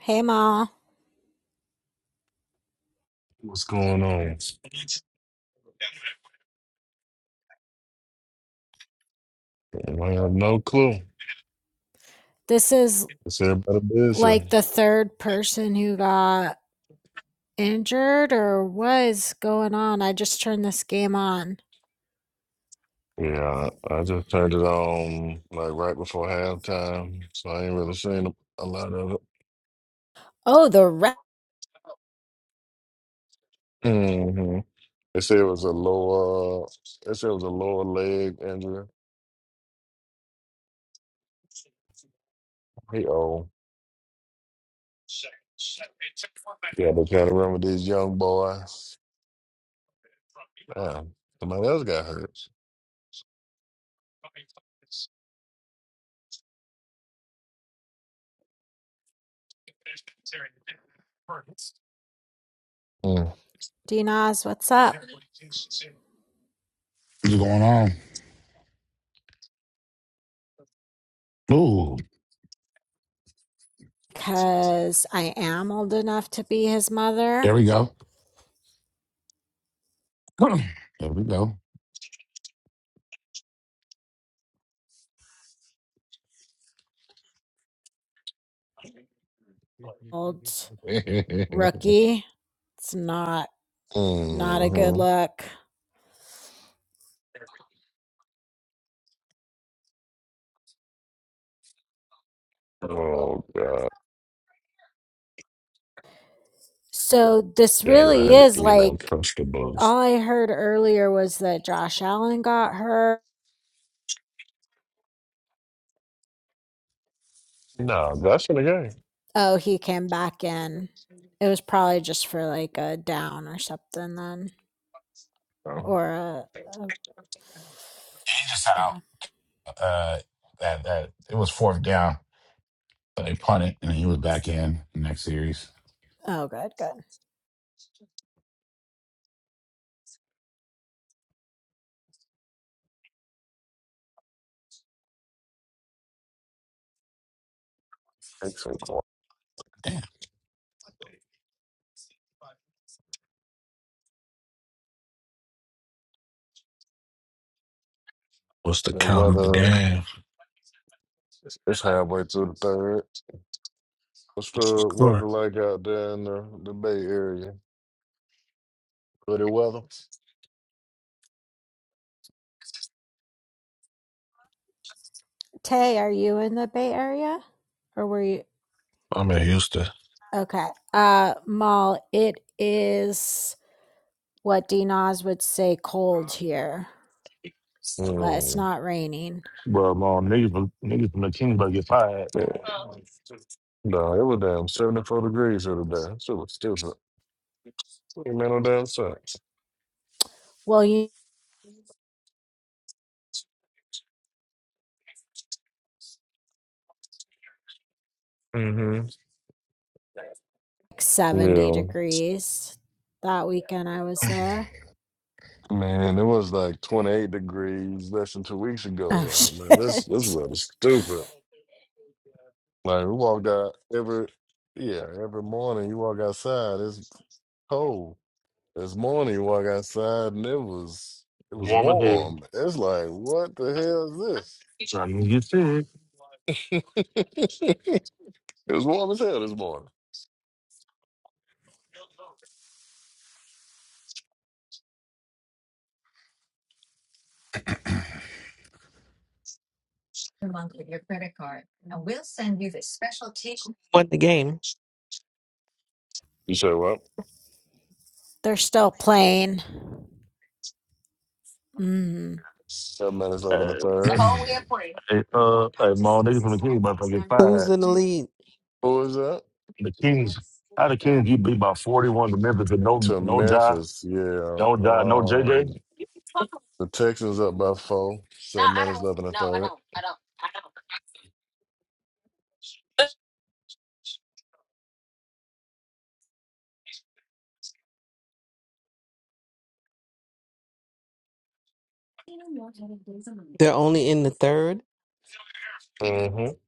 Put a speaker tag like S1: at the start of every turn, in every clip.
S1: Hey, Ma.
S2: What's going on? I have no clue.
S1: This is
S2: It's everybody
S1: like
S2: busy.
S1: the third person who got injured, or what is going on? I just turned this game on.
S2: Yeah, I I just turned it on like right before halftime, so I ain't really seen a, a lot of it.
S1: Oh, the re-
S2: hmm They said it was a lower. They said it was a lower leg injury. Hey, oh, yeah, they trying to run with these young boys. Damn, somebody else got hurt. Mm.
S1: Dinas, what's up?
S3: What's going on? Ooh,
S1: Because I am old enough to be his mother.
S3: there we go. There we go. he
S1: Old
S3: just
S1: rookie. It's not not a good
S2: hmm
S1: look.
S2: Oh God,
S1: So this
S2: yeah, I got
S1: really
S2: hurt.
S1: is
S2: We don't
S1: like
S2: trust the Bulls.
S1: all I heard earlier was that Josh Allen got hurt.
S2: No, that's in the
S1: Oh, he came back in. It was probably just for like a down or something then.
S2: game.
S1: Or a, a
S3: had
S1: yeah.
S3: out uh, that that it was fourth down, but they punted and he was back in the next series.
S1: Oh, good, good.
S2: Oh,
S3: Damn,
S4: What's the
S2: The
S4: count of the
S2: weather
S4: game?
S2: it's halfway through the third. What's
S4: What's the
S2: the weather
S4: score?
S2: like out there in the, the Bay Area? Good weather.
S1: Tay, are you in the Bay Area? Or were you
S4: I'm in Houston.
S1: okay. Uh Mal, it is what D Nas would say cold here, but it's
S2: Mm.
S1: not raining.
S5: Well, man, niggas, from- niggas from the Kings about to get fired.
S2: Yeah. No, it was down 74 degrees the other day. Still, still, man, no damn sense.
S1: Well you
S2: Mm-hmm.
S1: like seventy
S2: Yeah.
S1: degrees that weekend I was there.
S2: Man, it was like 28 degrees less than two weeks ago
S1: Oh
S2: here. Man, this this
S1: shit.
S2: weather's stupid. Like, we walked out every, yeah, every morning you walk outside, it's cold. This morning, you walk outside and it was it was
S5: Warm as hell.
S2: warm. It's like, what the hell is
S5: Trying to get sick.
S2: this? it was warm as hell this morning.
S6: won the game.
S2: You say what?
S1: They're still playing. Mm.
S2: Seven minutes over
S5: Hey,
S2: the third.
S3: I
S5: hey, uh, hey, man, niggas from the Kings about to get
S6: Who's
S5: fired.
S6: in the lead?
S2: Who is that?
S5: The Kings, how the Kings you beat by 41 to Memphis with no,
S2: To
S5: no Jai,
S2: Memphis, yeah.
S5: no Jai, no
S2: Um,
S5: JJ?
S2: the Texans up by four. Seven minutes left in the third.
S6: They're only in the third.
S2: Mm-hmm.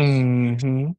S2: Mm-hmm.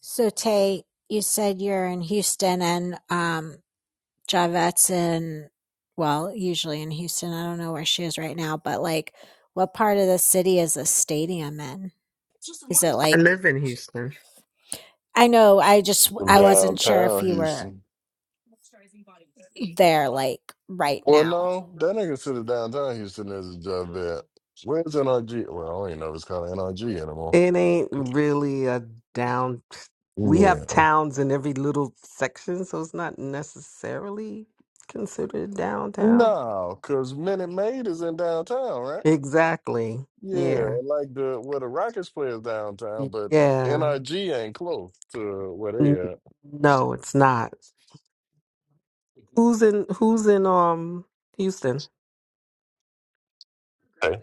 S1: So Tay, you said you're in Houston and um Javette's in well, usually in Houston. I don't know where she is right now, but like what part of the city is the stadium in? Is it
S6: I
S1: like
S6: live in Houston.
S1: I know I just
S2: From
S1: I wasn't sure if
S2: downtown
S1: you were
S2: Houston.
S1: there like right
S2: Well,
S1: now.
S2: no, that ain't considered downtown Houston as a job vet. Where's NRG? Well, I don't even know if it's called NRG anymore.
S6: It ain't really a down. We
S2: Yeah.
S6: have towns in every little section, so it's not necessarily considered downtown.
S2: No, because Minute Maid is in downtown, right?
S6: Exactly.
S2: Yeah,
S6: Yeah.
S2: and like the where the Rockets play is downtown, but
S6: Yeah.
S2: NRG ain't close to where
S6: N-
S2: they at.
S6: No, it's not. Who's in who's in um Houston?
S2: Hey.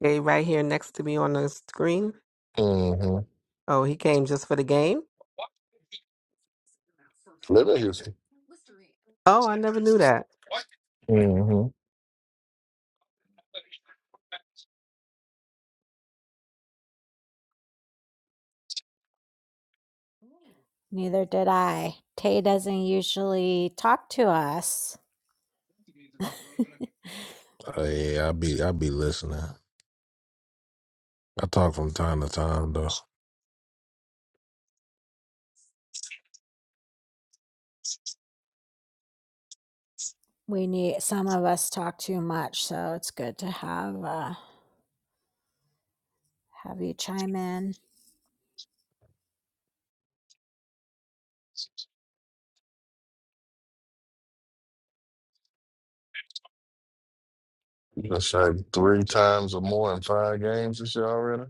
S6: Hey, right here next to me on the screen.
S2: Mm-hmm.
S6: Oh, he came just for the game?
S2: Live in Houston.
S6: Oh, I never knew that.
S2: Mm-hmm.
S1: Neither did I. Tay doesn't usually talk to us.
S4: Uh, yeah, I be I be listening. I talk from time to time though.
S1: We need some of us talk too much, so it's good to have uh have you chime in.
S2: That's like three times or more in five games this year already.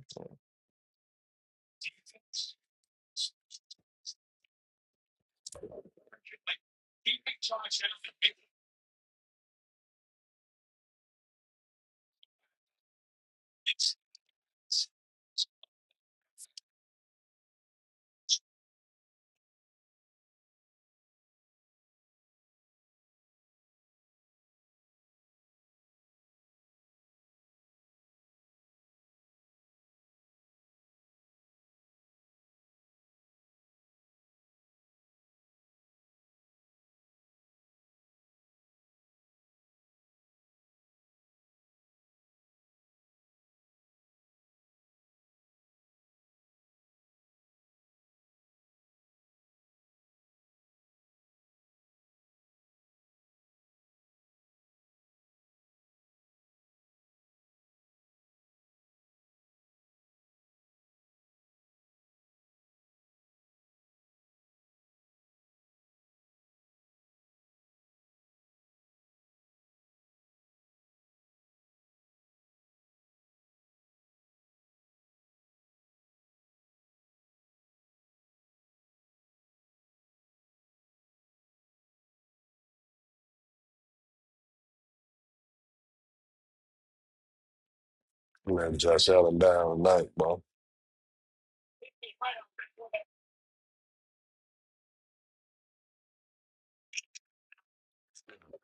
S2: Man, Josh Allen down tonight, bro.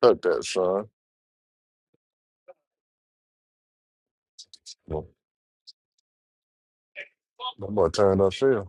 S2: Fuck that, son. That boy turned up field.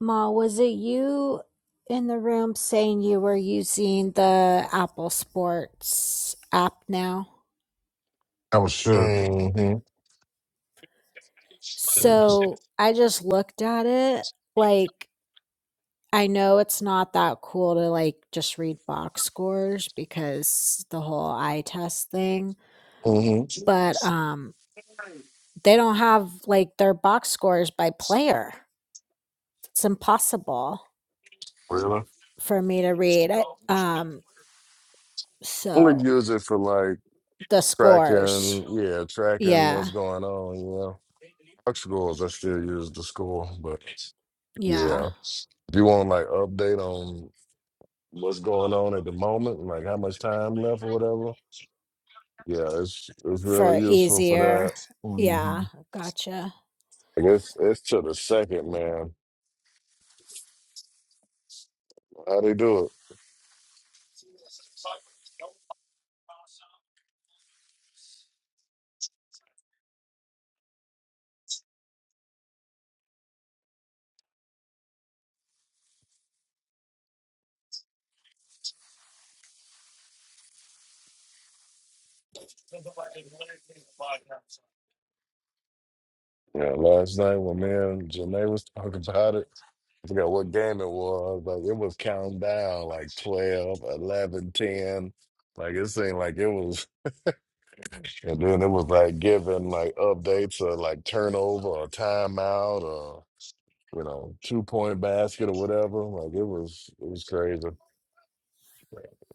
S1: Ma, was it you in the room saying you were using the Apple Sports app now?
S3: was shook.
S2: Mm-hmm.
S1: So I just looked at it. Like, I know it's not that cool to like just read box scores because the whole eye test thing,
S2: Mm-hmm.
S1: but um they don't have like their box scores by player. It's impossible
S2: Really?
S1: for me to read. I, um
S2: Only
S1: so
S2: use it for like
S1: the scores.
S2: Tracking, yeah, tracking
S1: Yeah.
S2: what's going on, you know. Truck schools, I still use the school, but
S1: Yeah.
S2: yeah. If you want like update on what's going on at the moment, like how much time left or whatever, yeah, it's it's really
S1: for
S2: useful for
S1: easier.
S2: that.
S1: Yeah,
S2: hmm
S1: gotcha.
S2: I guess it's to the second, man. How they do it? Yeah, last night when me and Janae was talking about it, I forgot what game it was. Like it was counting down like 12, 11, 10. Like it seemed like it was And then it was like giving like updates or like turnover or timeout or you know two point basket or whatever. Like it was it was crazy.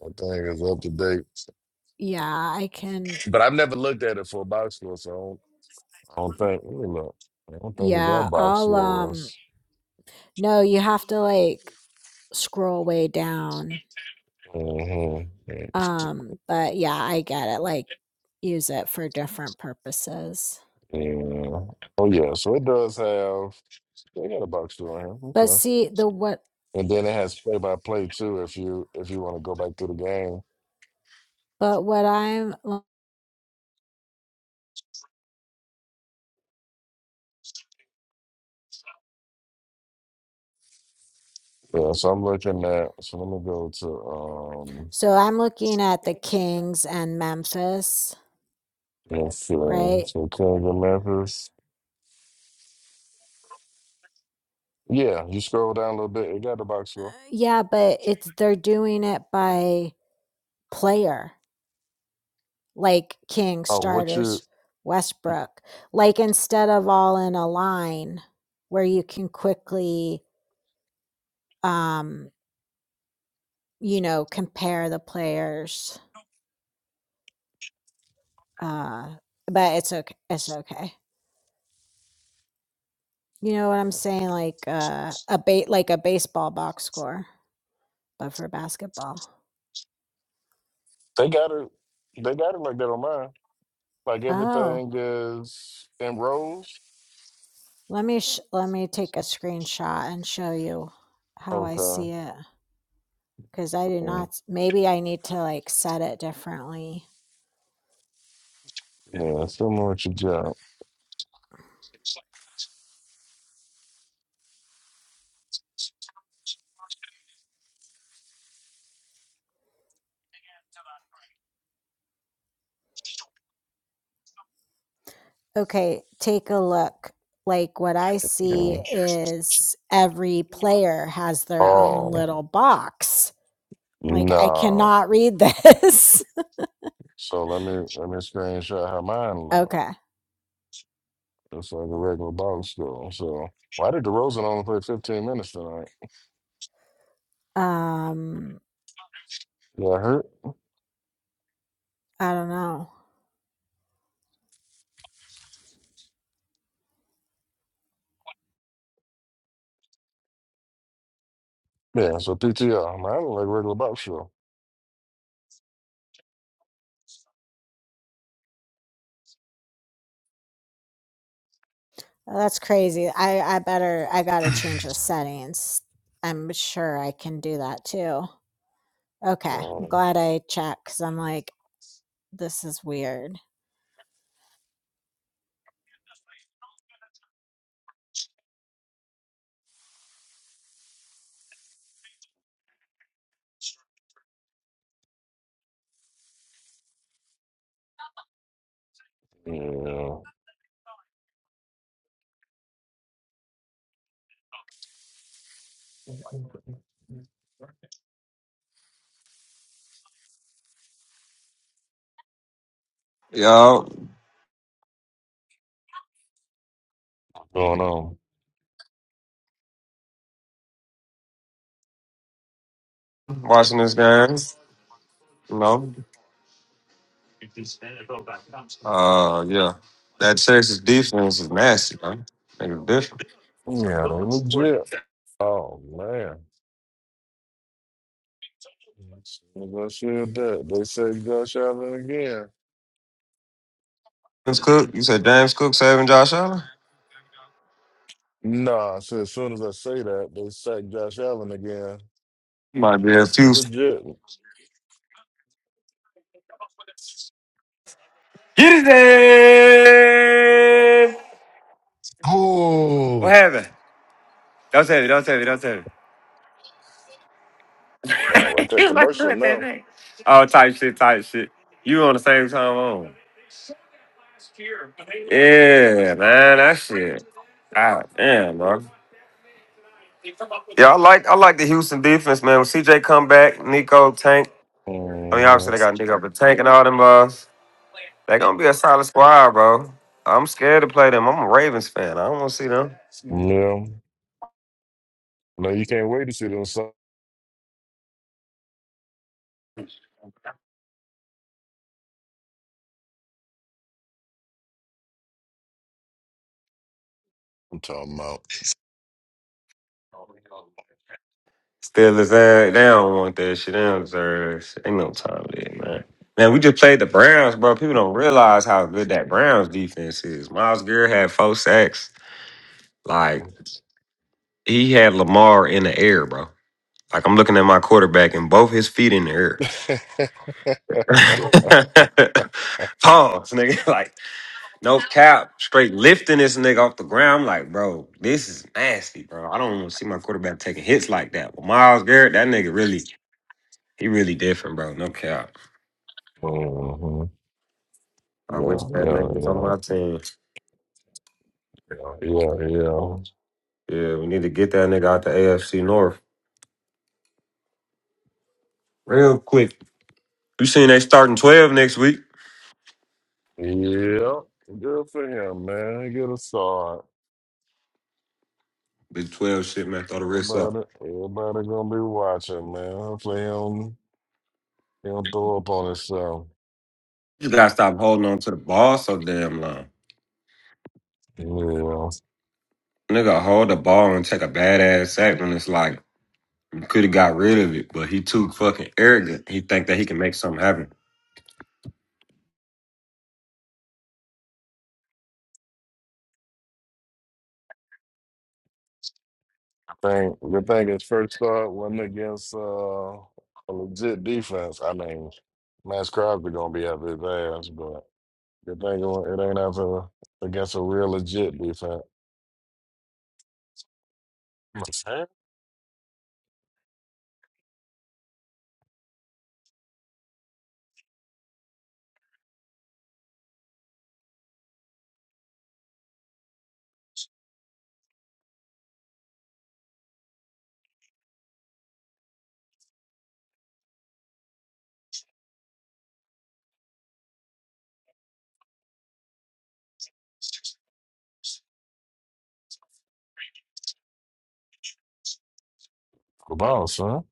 S2: I think it's up to date,
S1: Yeah, I can.
S2: but I've never looked at it for a box score, so I don't, I don't think. Let me look. I don't think we got
S1: Yeah,
S2: box
S1: I'll um
S2: scores.
S1: no, you have to like scroll way down.
S2: hmm
S1: Um, but yeah, I get it. Like use it for different purposes.
S2: Yeah. Oh yeah. So it does have. They got a box score here.
S1: But
S2: Okay.
S1: see the what
S2: And then it has play by play too. If you if you want to go back through the game.
S1: but what I'm l-
S2: Yeah, so I'm looking at, so let me go to, um,
S1: so I'm looking at the Kings and Memphis,
S2: let's see,
S1: right?
S2: so Kings and Memphis. Yeah, you scroll down a little bit, it got the box
S1: Uh,
S2: score.
S1: Yeah, but it's they're doing it by player. like King,
S2: Oh, what you,
S1: starters, Westbrook, like instead of all in a line where you can quickly, um, you know, compare the players. Uh, but it's okay. It's okay. You know what I'm saying? Like uh, a bait, like a baseball box score, but for basketball.
S2: they got it, they got it like that on mine. Like
S1: Oh,
S2: everything is in rows.
S1: let me sh- let me take a screenshot and show you how I see
S2: Okay.
S1: it because I do
S2: mm,
S1: not. Maybe I need to like set it differently.
S2: Yeah, similar what you got.
S1: okay, take a look. Like what I
S2: Yeah.
S1: see is every player has their own
S2: Oh,
S1: little box. Like I
S2: no.
S1: cannot read this.
S2: So let me, let me screenshot how mine look.
S1: okay.
S2: It's like a regular box score. So why did DeRozan only play 15 minutes tonight?
S1: Um
S2: Yeah, I hurt?
S1: I don't know.
S2: Yeah, so PTR. Mine look like regular box show.
S1: That's crazy. I I better I got to change the settings. I'm sure I can do that too. Okay. I'm
S2: Um,
S1: glad I checked cuz I'm like this is weird.
S2: yeah, going on. Yeah, they legit. Oh man. As soon as I said that, they said Josh Allen again. Nah, so as soon as I say that, they said Josh Allen again. It legit.
S7: Get his name! What
S3: Oh
S7: happened? Don't tell me, don't tell me, don't tell me.
S2: Oh, like that commercial now.
S7: Oh, type shit, type shit.
S2: hmm Yeah. No, you can't wait to see them. Song. I'm talking about. Mhm. Yeah, yeah, yeah. Yeah, yeah, yeah. Yeah. Good for him, man. Get a start. Everybody, everybody gonna be watching, man. Hopefully, he don't, he don't throw up on himself. Yeah, thank good thing his first start wasn't against uh, a legit defense. I mean, Max Crosby gonna be up his ass, but good thing it wa- it ain't after against a real legit defense. Good on, son.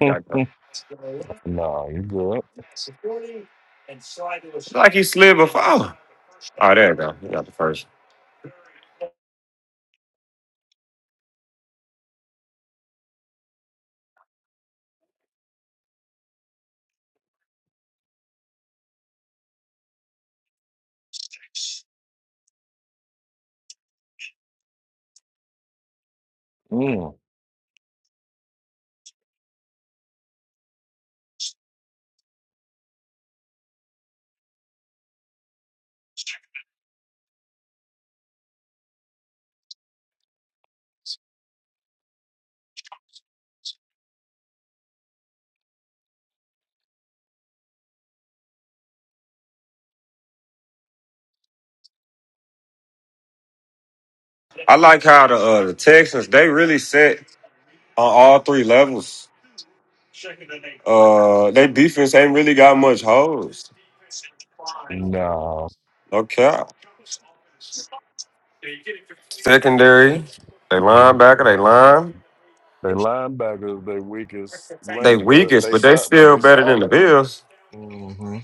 S2: nah, you good? Mm, nah. Mhm. They linebackers, they weakest link, but they si- but they solid. hmm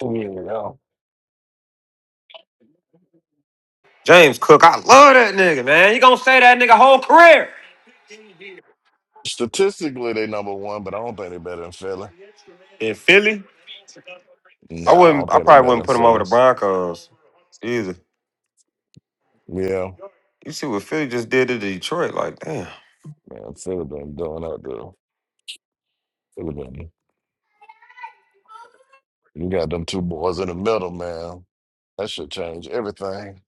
S2: Yeah. Statistically, they number one, but I don't think they are better than Philly. Nah, I don't think they are better than Philly. Yeah, man, Philly been doing up there. Philly been. You got them two boys in the middle, man. That should change everything.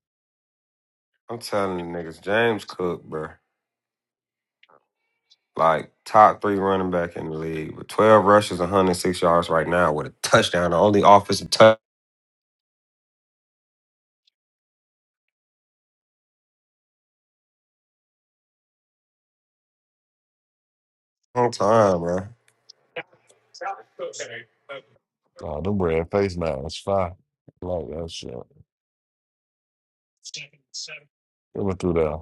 S2: Oh, them red face masks, fire. I Like that shit. They went through there.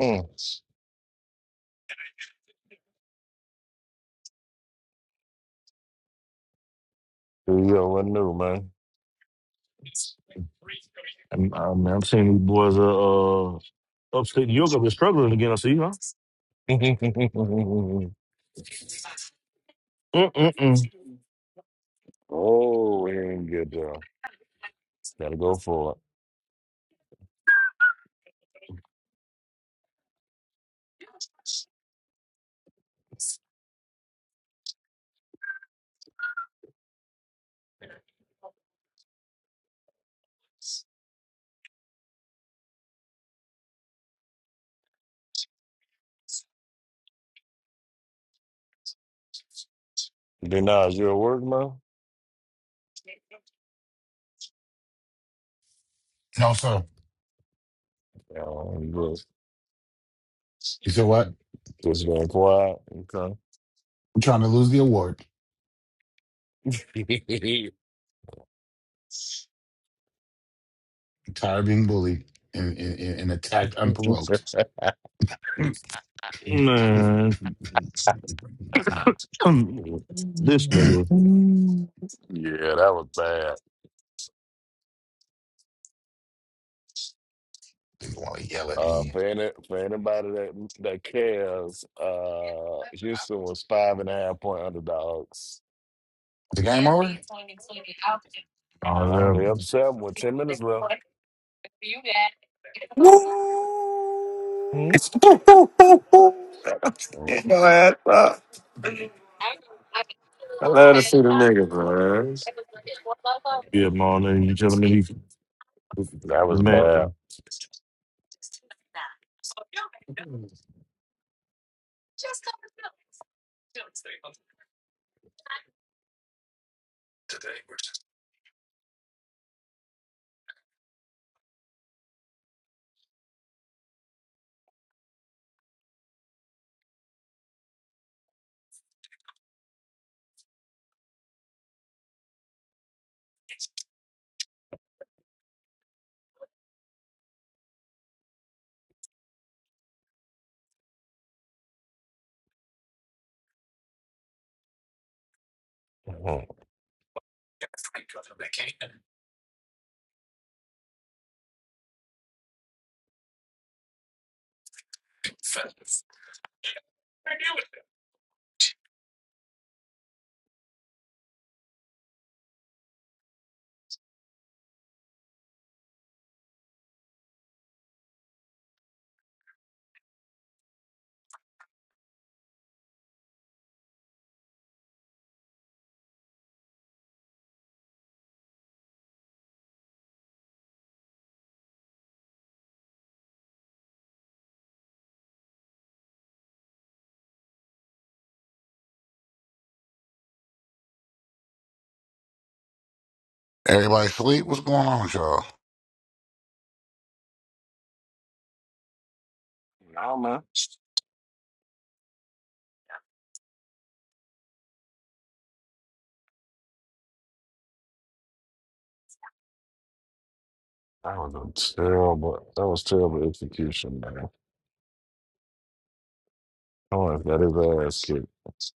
S2: Mm. Yo, what new, man?
S5: I'm, I'm, I'm seeing these boys, uh, uh upstate New York have been struggling again, I see, huh? Mm-mm-mm.
S2: oh, we ain't get there. Gotta go for it. Then you at work, man?
S3: no, sir.
S2: Yeah, you just
S3: You said what?
S2: just been quiet. Okay.
S3: I'm trying to lose the award.
S2: yeah,
S3: I'm tired of being bullied and, and, and attacked unprovoked.
S5: Man, come- this nigga.
S2: that was bad.
S3: They want to yell at
S2: Uh,
S3: me.
S2: for any, for anybody that that cares, uh, Houston was five and a half point underdogs.
S3: The game over?
S5: Oh,
S2: Oh,
S5: yeah,
S2: they up seven with ten minutes left. hmm Mm,
S5: yeah, man, you telling me he,
S2: That was bad.
S5: man.
S2: Mhm.
S3: Everybody sleep? What's going on with y'all?
S2: No man, that was a terrible. That was terrible execution, man. Oh, that is ass kicked.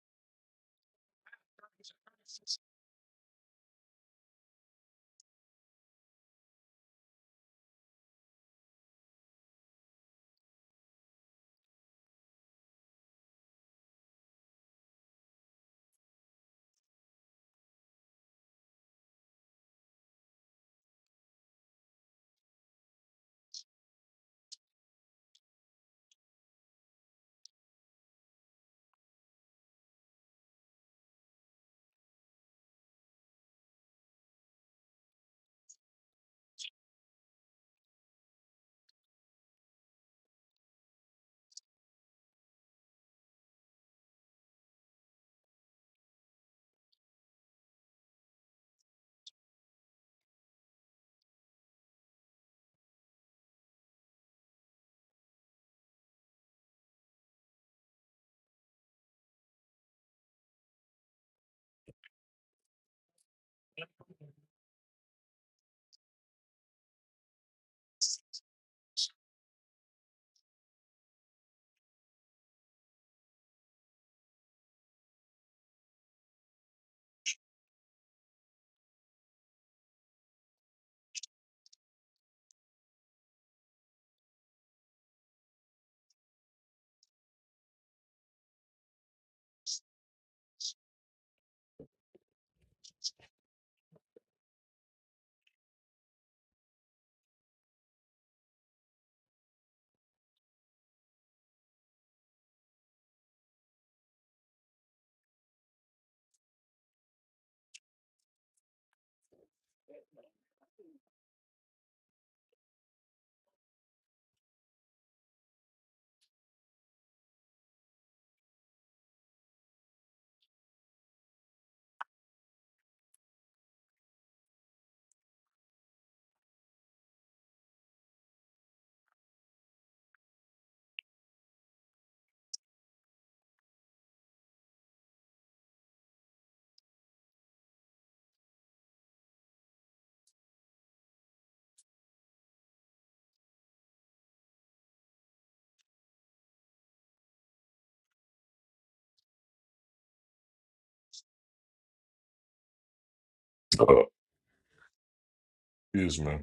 S2: Excuse me.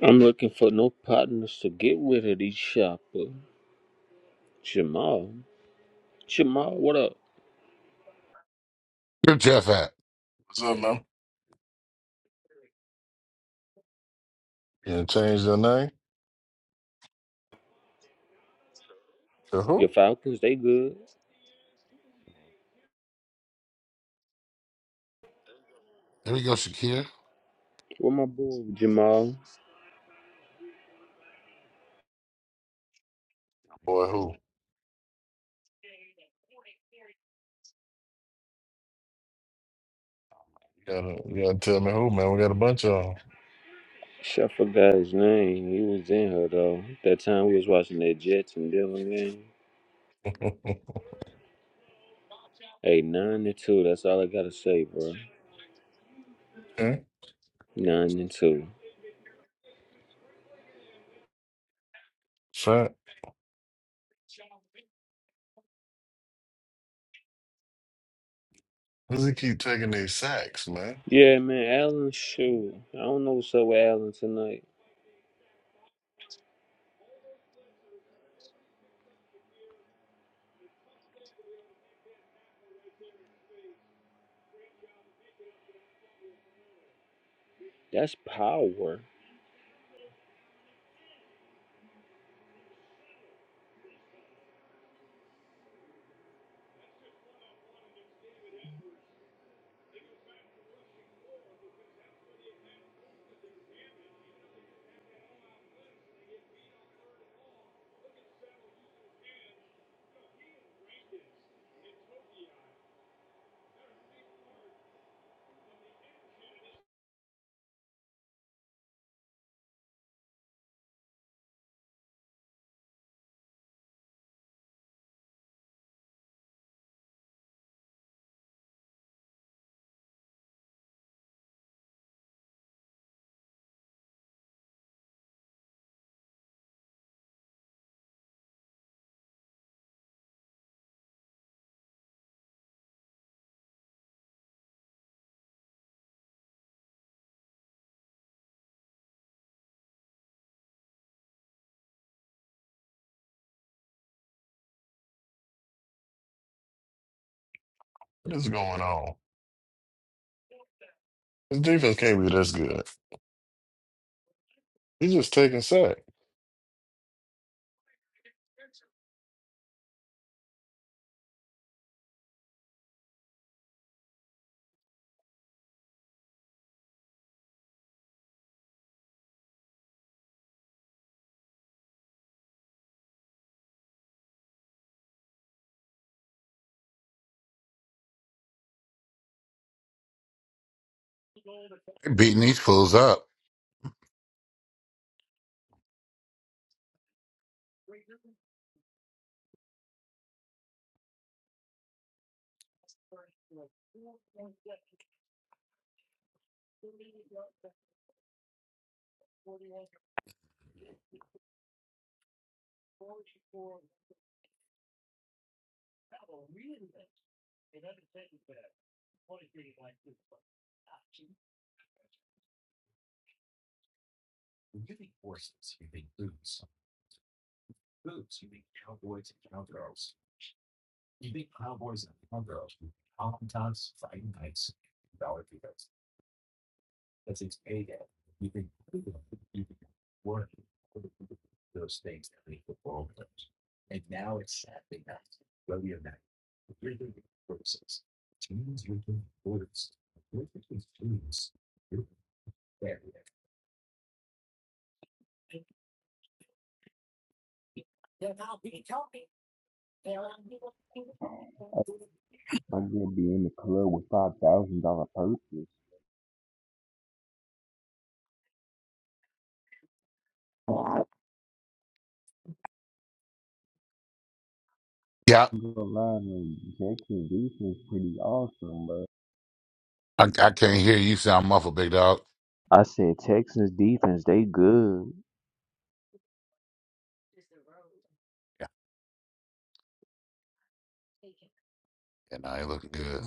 S8: I'm looking for no partners to get with at each shopper. Jamal. Jamal, what up?
S3: Where Jeff at?
S2: What's up, man? You done changed your name to
S8: Your
S2: who?
S8: Falcons, they good.
S3: There we go, Shakir.
S8: Where my boy Jamal?
S2: Boy, who? You gotta, you gotta tell me who, man. We got a bunch of
S8: Shit, I forgot his name. He was in her though. That time we was watching that Jets and Dylan game.
S2: them.
S8: Hey, nine and two. That's all I gotta say, bro.
S2: okay.
S8: Nine and two.
S2: Fat. Why does he keep taking these sacks, man?
S8: Yeah, man. Allen, shoot. I don't know what's up with Allen tonight. That's power.
S2: What is going on? His defense can't be this good. He's just taking sacks.
S3: Beating these fools up.
S8: I'm gonna be in the club with five thousand dollar purses.
S3: Yeah,
S8: gonna lie, man, Texas defense pretty awesome, bro.
S3: I, I can't hear you. You Sound muffled, big dog.
S8: I said Texans defense, they good.
S3: Yeah, and I ain't looking good.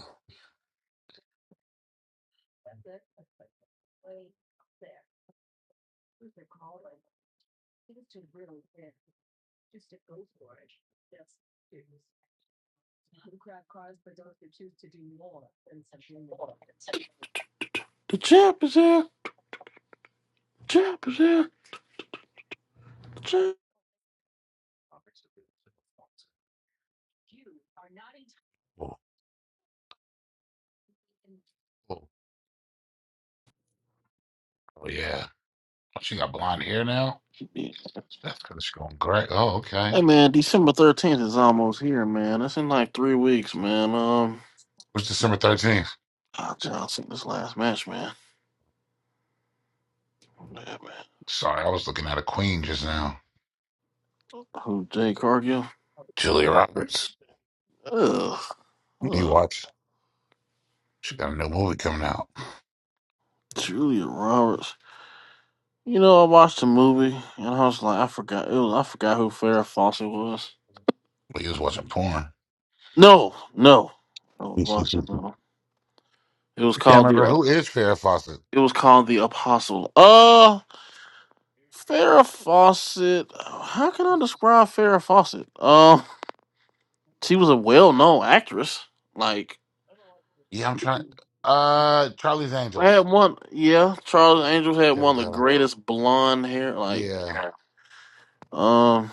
S9: The champ is here. Champ is here. The champ.
S3: Oh, oh, oh, yeah. Oh, She got blonde hair now. That's because she's going gray. Oh,
S9: Hey
S3: okay.
S9: man, December thirteenth is almost here, man. That's in like three weeks, man. Um,
S3: What's December thirteenth?
S9: Al Johnson, this last match, man. Yeah, man.
S3: Sorry, I was looking at a Queen just now.
S9: Who Jay Cargill?
S3: Julia Roberts.
S9: Ugh.
S3: You
S9: Ugh.
S3: watch? She got a new movie coming out.
S9: Julia Roberts. You know, I watched the movie and I was like, I forgot. It was, I forgot who Farrah Fawcett was.
S3: We was watching porn.
S9: No, no. I was watching.
S3: Can't
S9: uh, It was called the.
S3: remember
S9: Uh,
S3: who is Farrah Fawcett.
S9: it was called the Apostle. Uh, Farrah Fawcett. How can I describe Farrah Fawcett? Um, she was a well-known actress. Like,
S3: Yeah, I'm trying. Uh, Charlie's
S9: had
S3: Angels.
S9: one. Yeah, Charles Angels had
S3: There we
S9: one of the
S3: go.
S9: greatest blonde hair. Like,
S3: Yeah.
S9: um,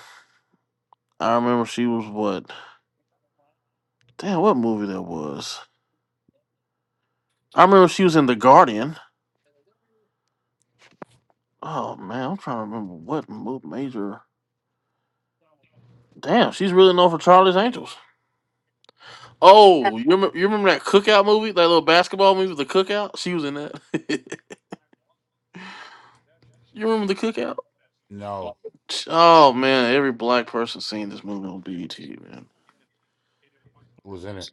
S9: I remember she was what? Damn, what movie that was? I remember she was in The Guardian. Oh man, I'm trying to remember what mo- major. Damn, she's really known for Charlie's Angels. Oh, you remember, you remember that cookout movie, that little basketball movie, The Cookout? She was in that. you remember The Cookout?
S3: No,
S9: Oh man, every black person seen this movie on BET, man.
S3: who was in it?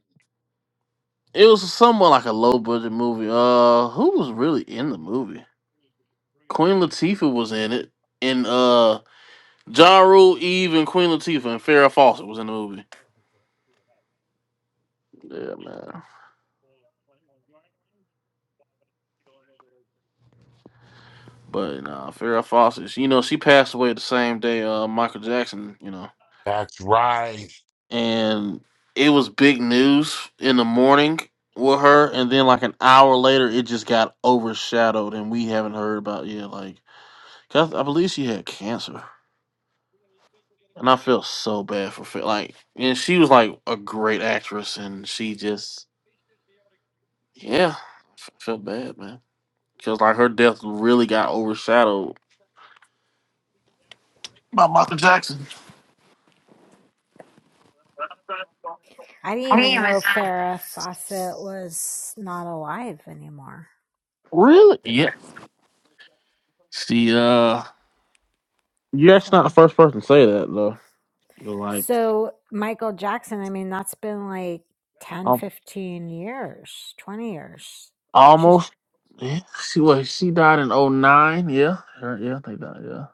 S9: It was somewhat like a low budget movie. Uh, who was really in the movie? Queen Latifah was in it, and uh, Ja Rule, Eve, and Queen Latifah and Farrah Fawcett was in the movie. Yeah, man. But nah, Farrah Fawcett, she- you know, she passed away the same day uh Michael Jackson, you know,
S3: That's right.
S9: and it was big news in the morning with her, and then like an hour later, it just got overshadowed, and we haven't heard about it yet, like. Cause I believe she had cancer, and I felt so bad for Fa- like, and she was like a great actress, and she just yeah, f- felt bad, man. Cause like her death really got overshadowed by Michael Jackson.
S1: I didn't even know Farrah Fawcett was not alive anymore.
S9: Really? Yeah. She uh, you're
S1: So.
S9: actually not
S1: I'm
S9: the first person to say that though. You're like
S1: So Michael Jackson, I mean, that's been like 10,
S9: um,
S1: 15 years, 20 years. She's
S9: almost. Yeah. She was. She died in '09. Yeah. Her, yeah. They died. Yeah.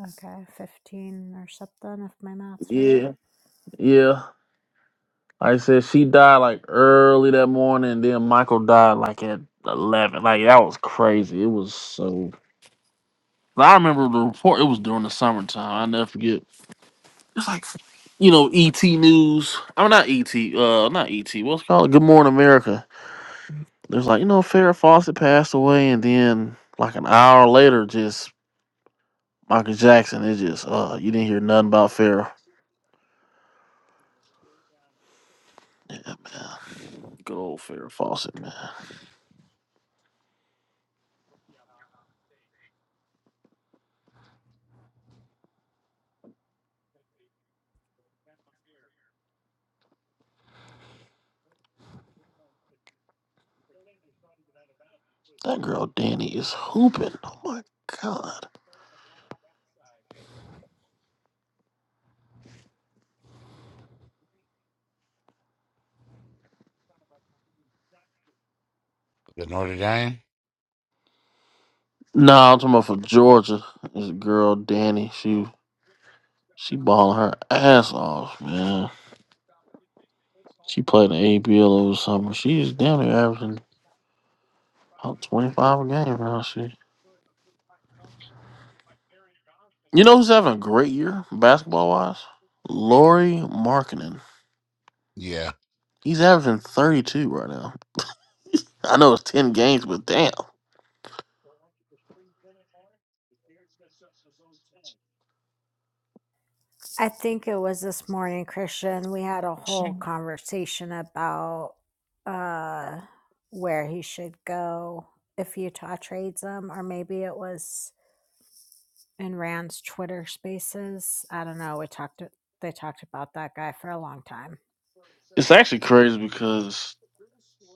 S1: okay, 15 or something, if my math's right.
S9: Yeah. Yeah. Like I said, she died like early that morning, and then Michael died like at eleven. Like that was crazy. It was so. like, I remember the report. It was during the summertime. I never forget. It's like, you know, ET News. I'm not ET. Uh, not ET. What's it called Good Morning America. There's like you know, Farrah Fawcett passed away, and then like an hour later, just Michael Jackson. It just uh, you didn't hear nothing about Farrah. Yeah, man. Good old Farrah Fawcett, man. That girl Danny is hooping. Oh my god.
S3: The Notre Dame.
S9: No, I'm talking about for Georgia. This girl Danny, she she balling her ass off, man. She played in the ABL over the summer. She's damn near averaging about 25 a game now. She, you know who's having a great year basketball wise? Lori Markkinen.
S3: Yeah.
S9: He's averaging 32 right now. I know it's 10 games, but damn,
S1: I think it was this morning, Christian. We had a whole conversation about uh, where he should go if Utah trades him, or maybe it was in Rand's Twitter spaces. I don't know. We talked, they talked about that guy for a long time.
S9: it's actually crazy because.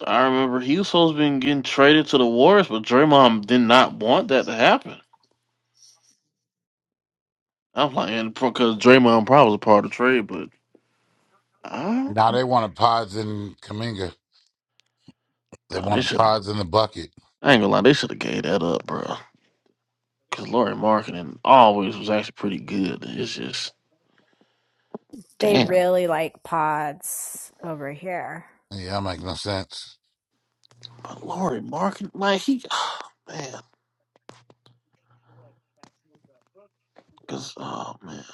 S9: I remember he was supposed to be getting traded to the Warriors, but Draymond did not want that to happen. I'm like, and because Draymond probably was a part of the trade, but I,
S3: Now they wanted pods in Kaminga. They
S9: nah, they
S3: wanted
S9: should.
S3: pods in the bucket.
S9: I ain't gonna lie, they should have gave that up, bro. Because Laurie Marketing always was actually pretty good. It's just
S1: They
S9: damn,
S1: really like pods over here.
S3: Yeah, that make no sense.
S9: but Laurie Marketing, like he, man, because oh man,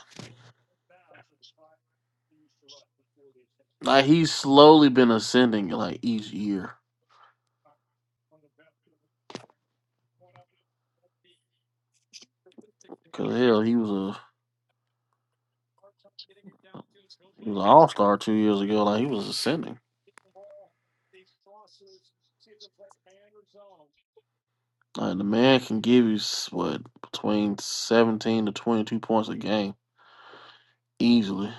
S9: like he's slowly been ascending like each year. Because hell, he was a he was an All Star two years ago. Like he was ascending. Like the man can give you s- what between seventeen to twenty two points a game easily.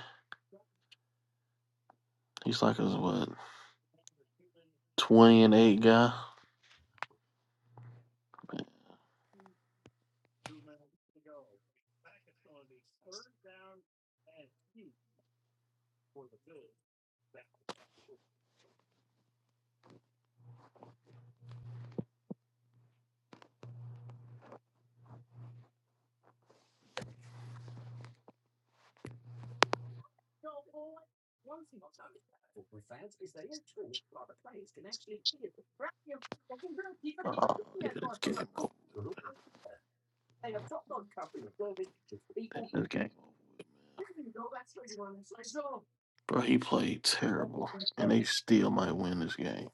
S9: He's like a what Twenty and eight guy. Oh, yeah, this game, this game, bro. He played terrible, and they still might win this game.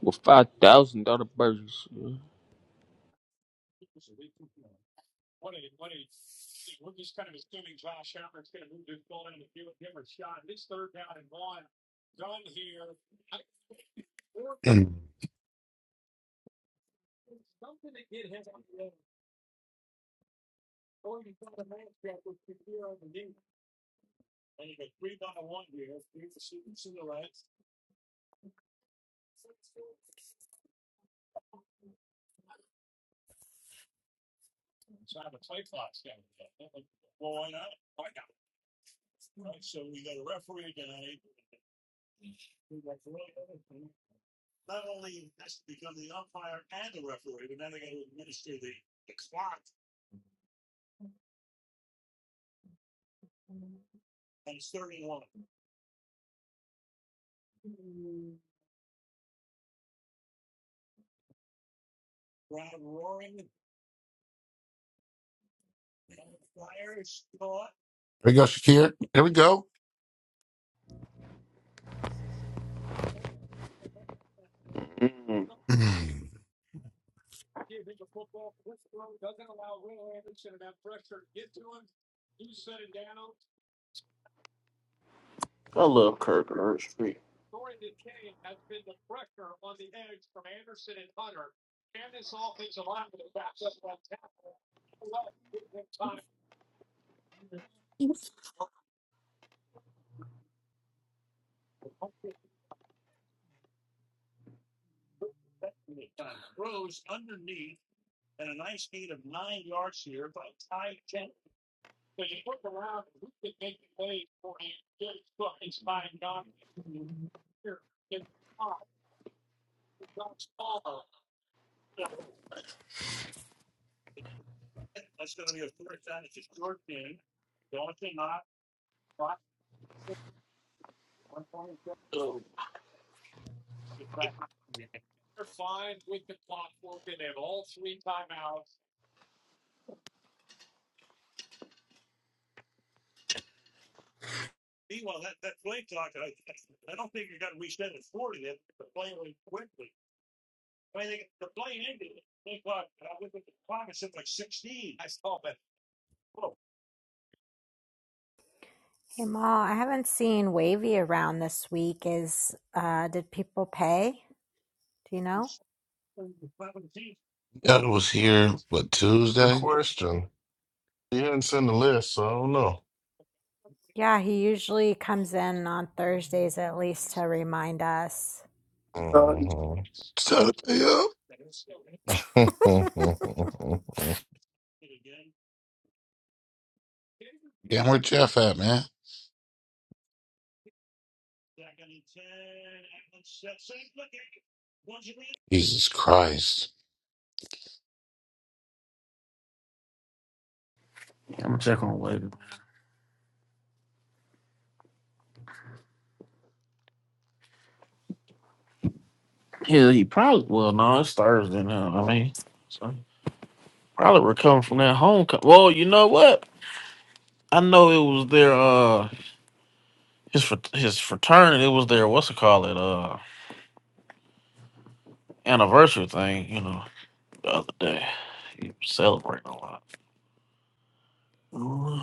S8: With five thousand dollar burgers. Yeah.
S3: Mm. Here we go, Shakir. Here we go.
S9: Mm. I love Kirk Herbstreit. Oh,
S1: Hey, Ma, I haven't seen Wavy around this week. Is uh, did people pay? Do you know?
S3: Yeah, I was here, what,
S2: Good
S3: Tuesday?
S2: question. He hadn't sent the list, so I don't know.
S1: Yeah, he usually comes in on Thursdays at least to remind us.
S3: Uh, Saturday, yeah.
S2: hmm
S3: Damn, where Jeff at, man? Jesus Christ.
S9: yeah, I'm gonna check on later. Yeah, he probably. Well, no, it's Thursday now. I mean, so probably recovering from that homecoming. Well, you know what? I know it was their uh his fr- his fraternity. It was their what's it called it uh anniversary thing. You know, the other day. He was celebrating a lot. Ooh,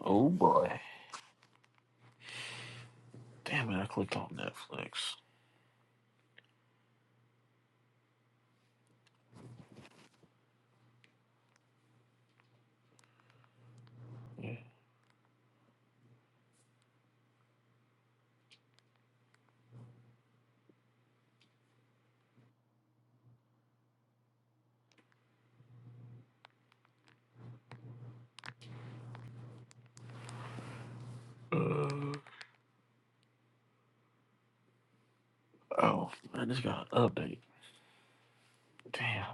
S9: oh boy. Damn it, I clicked on Netflix. Yeah. Uh, oh, man, this got an update. Damn.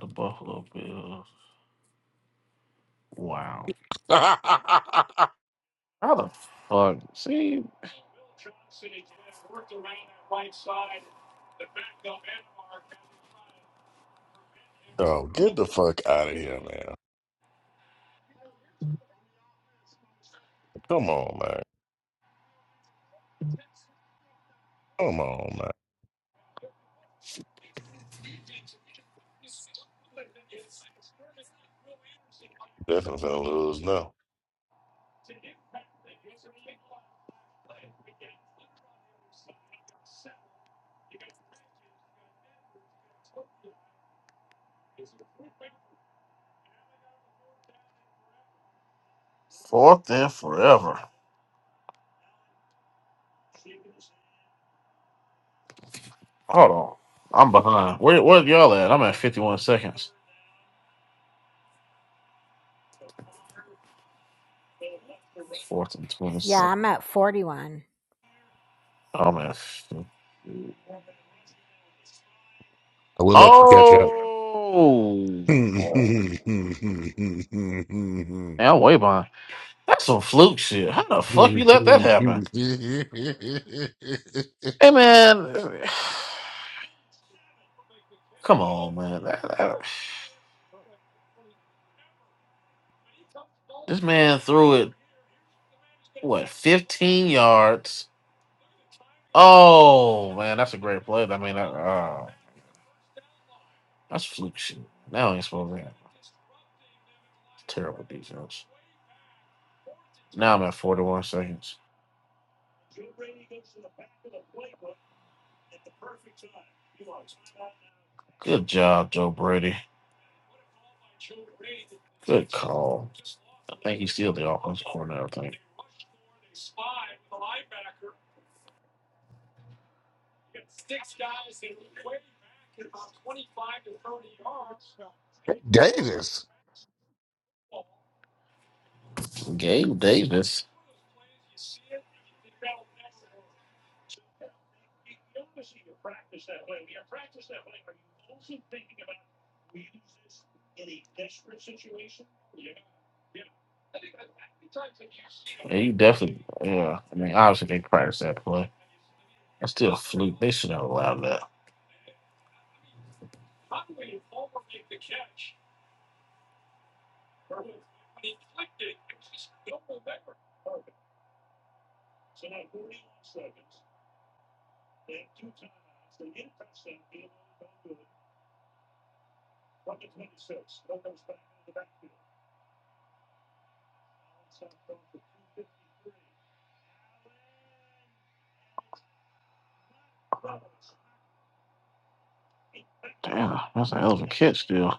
S9: The Buffalo Bills. Wow.
S3: I
S9: How the fuck? See,
S2: oh, get the fuck out of here, man. Come on, man. Come on, man. Definitely gonna lose now.
S9: fourth and forever. Hold on. I'm behind. Where, where y'all at? I'm at 51 seconds. Fourth and
S1: Yeah,
S9: 26.
S1: I'm at 41.
S9: I'm at. 50.
S3: will let you
S9: Oh!
S3: go.
S9: Man, I'm way behind. That's some fluke shit. How the fuck you let that happen? Hey, man. Come on, man. That- that- This man threw it what 15 yards. Oh man, that's a great play. I mean, that, uh, that's fluke shit. Now ain't supposed to have terrible defense. Now I'm at 41 seconds. Good job, Joe Brady. Good call. I think he's still the offensive coordinator. I think
S3: Davis.
S9: Gabe Davis. Yeah, you definitely. Yeah, I mean, obviously they practiced that play. That's still a fluke. They should have allowed that. Damn, that's a hell of a catch, still.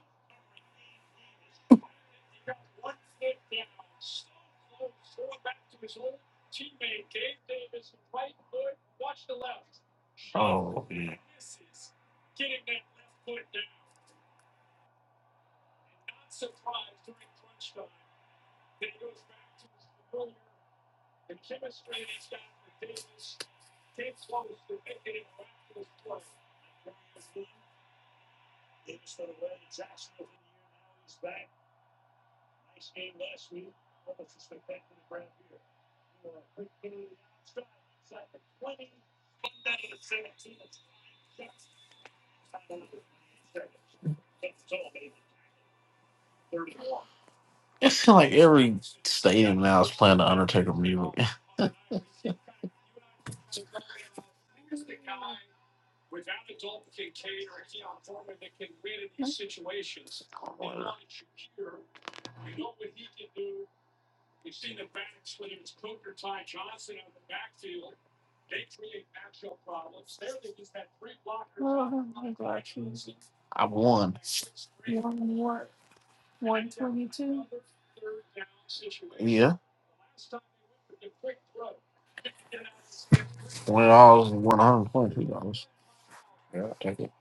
S9: It's kind of like every stadium now is playing the Undertaker music. I won. Yeah, twenty dollars and one hundred twenty-two dollars. Yeah, I'll take it.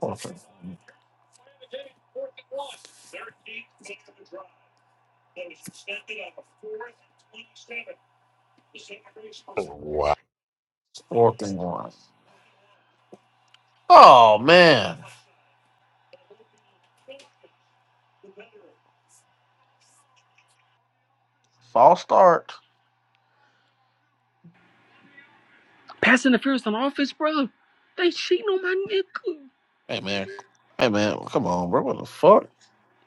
S9: Fourth and fourth and one. Oh man, false start.
S8: Pass interference on offense, bro. They cheating on my nigga.
S9: Hey man, hey man, come on, bro. What the fuck?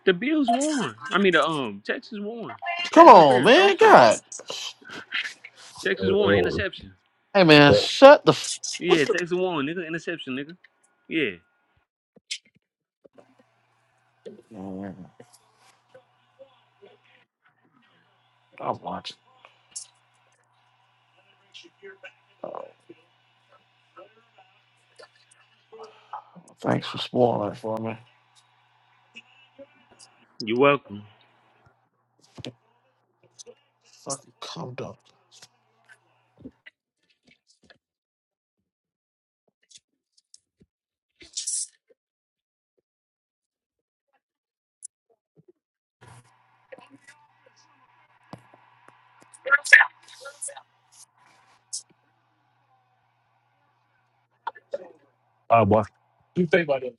S8: The Bills won. I mean, the um Texas won.
S9: Come
S8: Pass
S9: on,
S8: interference,
S9: man.
S8: offense.
S9: God.
S8: Texas
S5: uh,
S8: won,
S5: uh,
S8: interception.
S9: Hey man,
S5: But
S9: shut the. F- what
S8: Yeah,
S9: the?
S8: Texas won, nigga, interception, nigga. Yeah,
S9: Man, I'm watching. Thanks for spoiling it for me.
S8: you're welcome.
S9: Fucking cum dump.
S5: I watch. You think about it.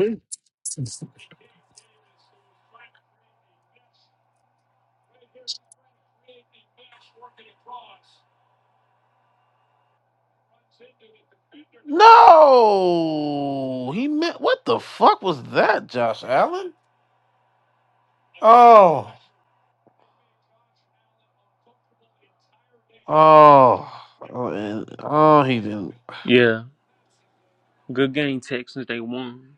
S5: He
S9: No, he meant. What the fuck was that, Josh Allen? Oh, oh, oh, and, oh he didn't.
S8: Yeah, good game, Texans. They won.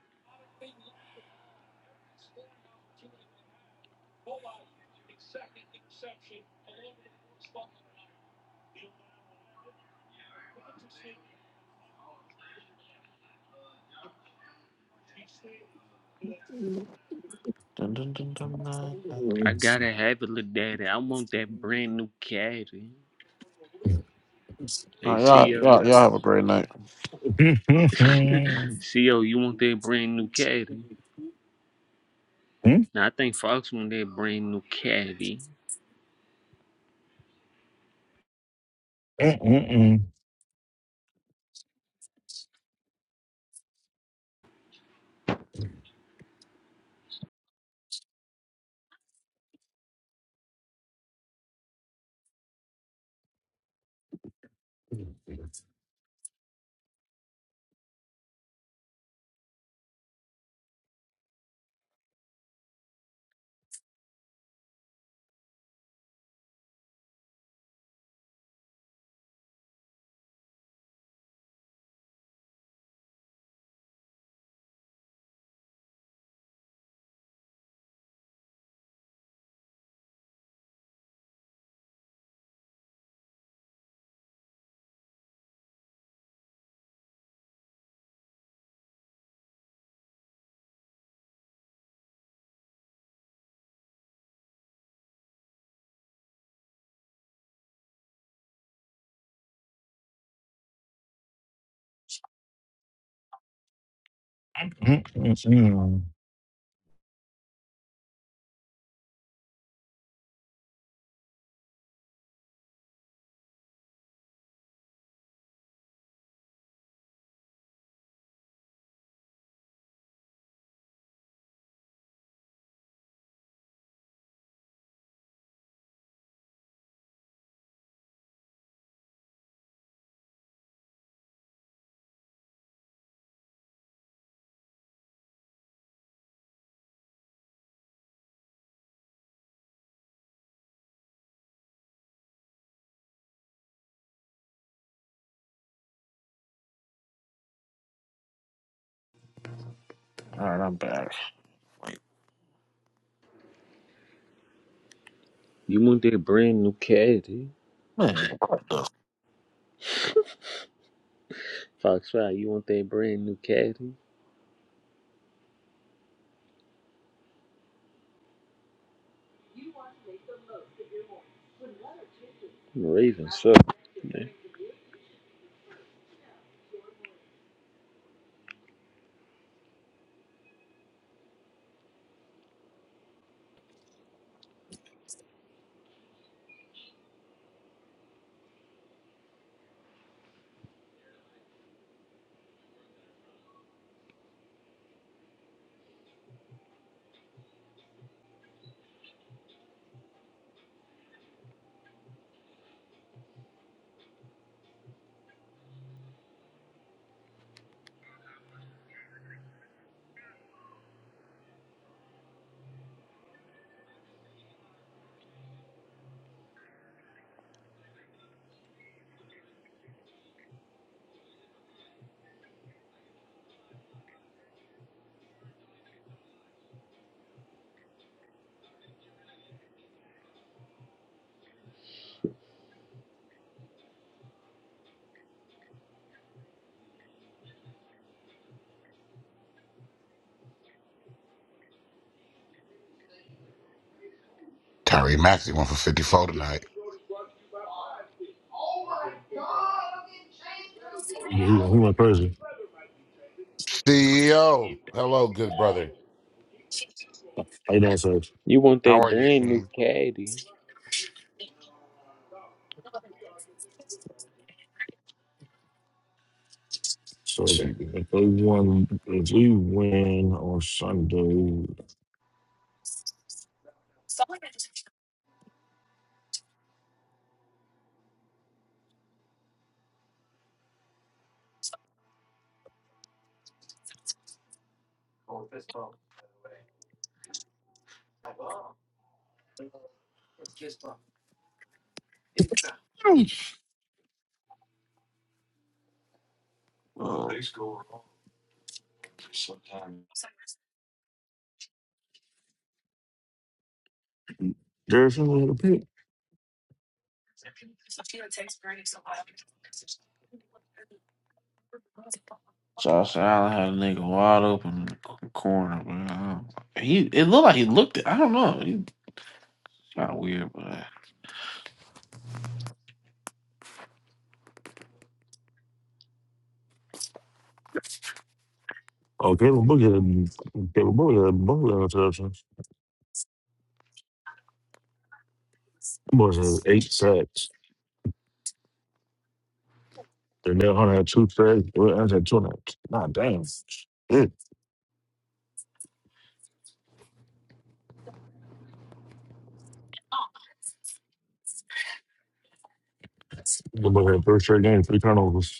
S9: Dun, dun, dun, dun, dun,
S5: he
S9: dun.
S5: went
S8: I gotta have it, little daddy. I want that brand new caddy.
S9: All right, y'all,
S8: ACO.
S9: y'all, y'all have a great night.
S8: CO, you want that brand new caddy? Now I think Fox want that brand new caddy.
S9: All right, I'm back.
S8: You want that brand new caddy?
S9: Man, what the?
S8: Fox Five, you want that brand new caddy? Raven, so
S3: Tyree Maxey went for 54 tonight.
S5: he went crazy.
S3: CEO. Hello, good brother.
S5: How you doing, Sage?
S8: you want
S3: How
S8: that
S3: are you,
S8: brand
S3: King?
S8: new caddy?
S5: So if they won, if we win on Sunday,
S9: Fuck?
S5: Jerry Sanders had a pick.
S9: Josh Allen had a nigga wide open in the c- corner, but I don't, he it looked like he looked it. I don't know. He kind of weird, but.
S5: Oh, Caleb Book had Caleb Book had both of interceptions. Them boys had eight sacks. Danielle Hunter had two sacks. Will Anderson had two sacks. Nah, damn. Shit. The boy had three straight games, three turnovers.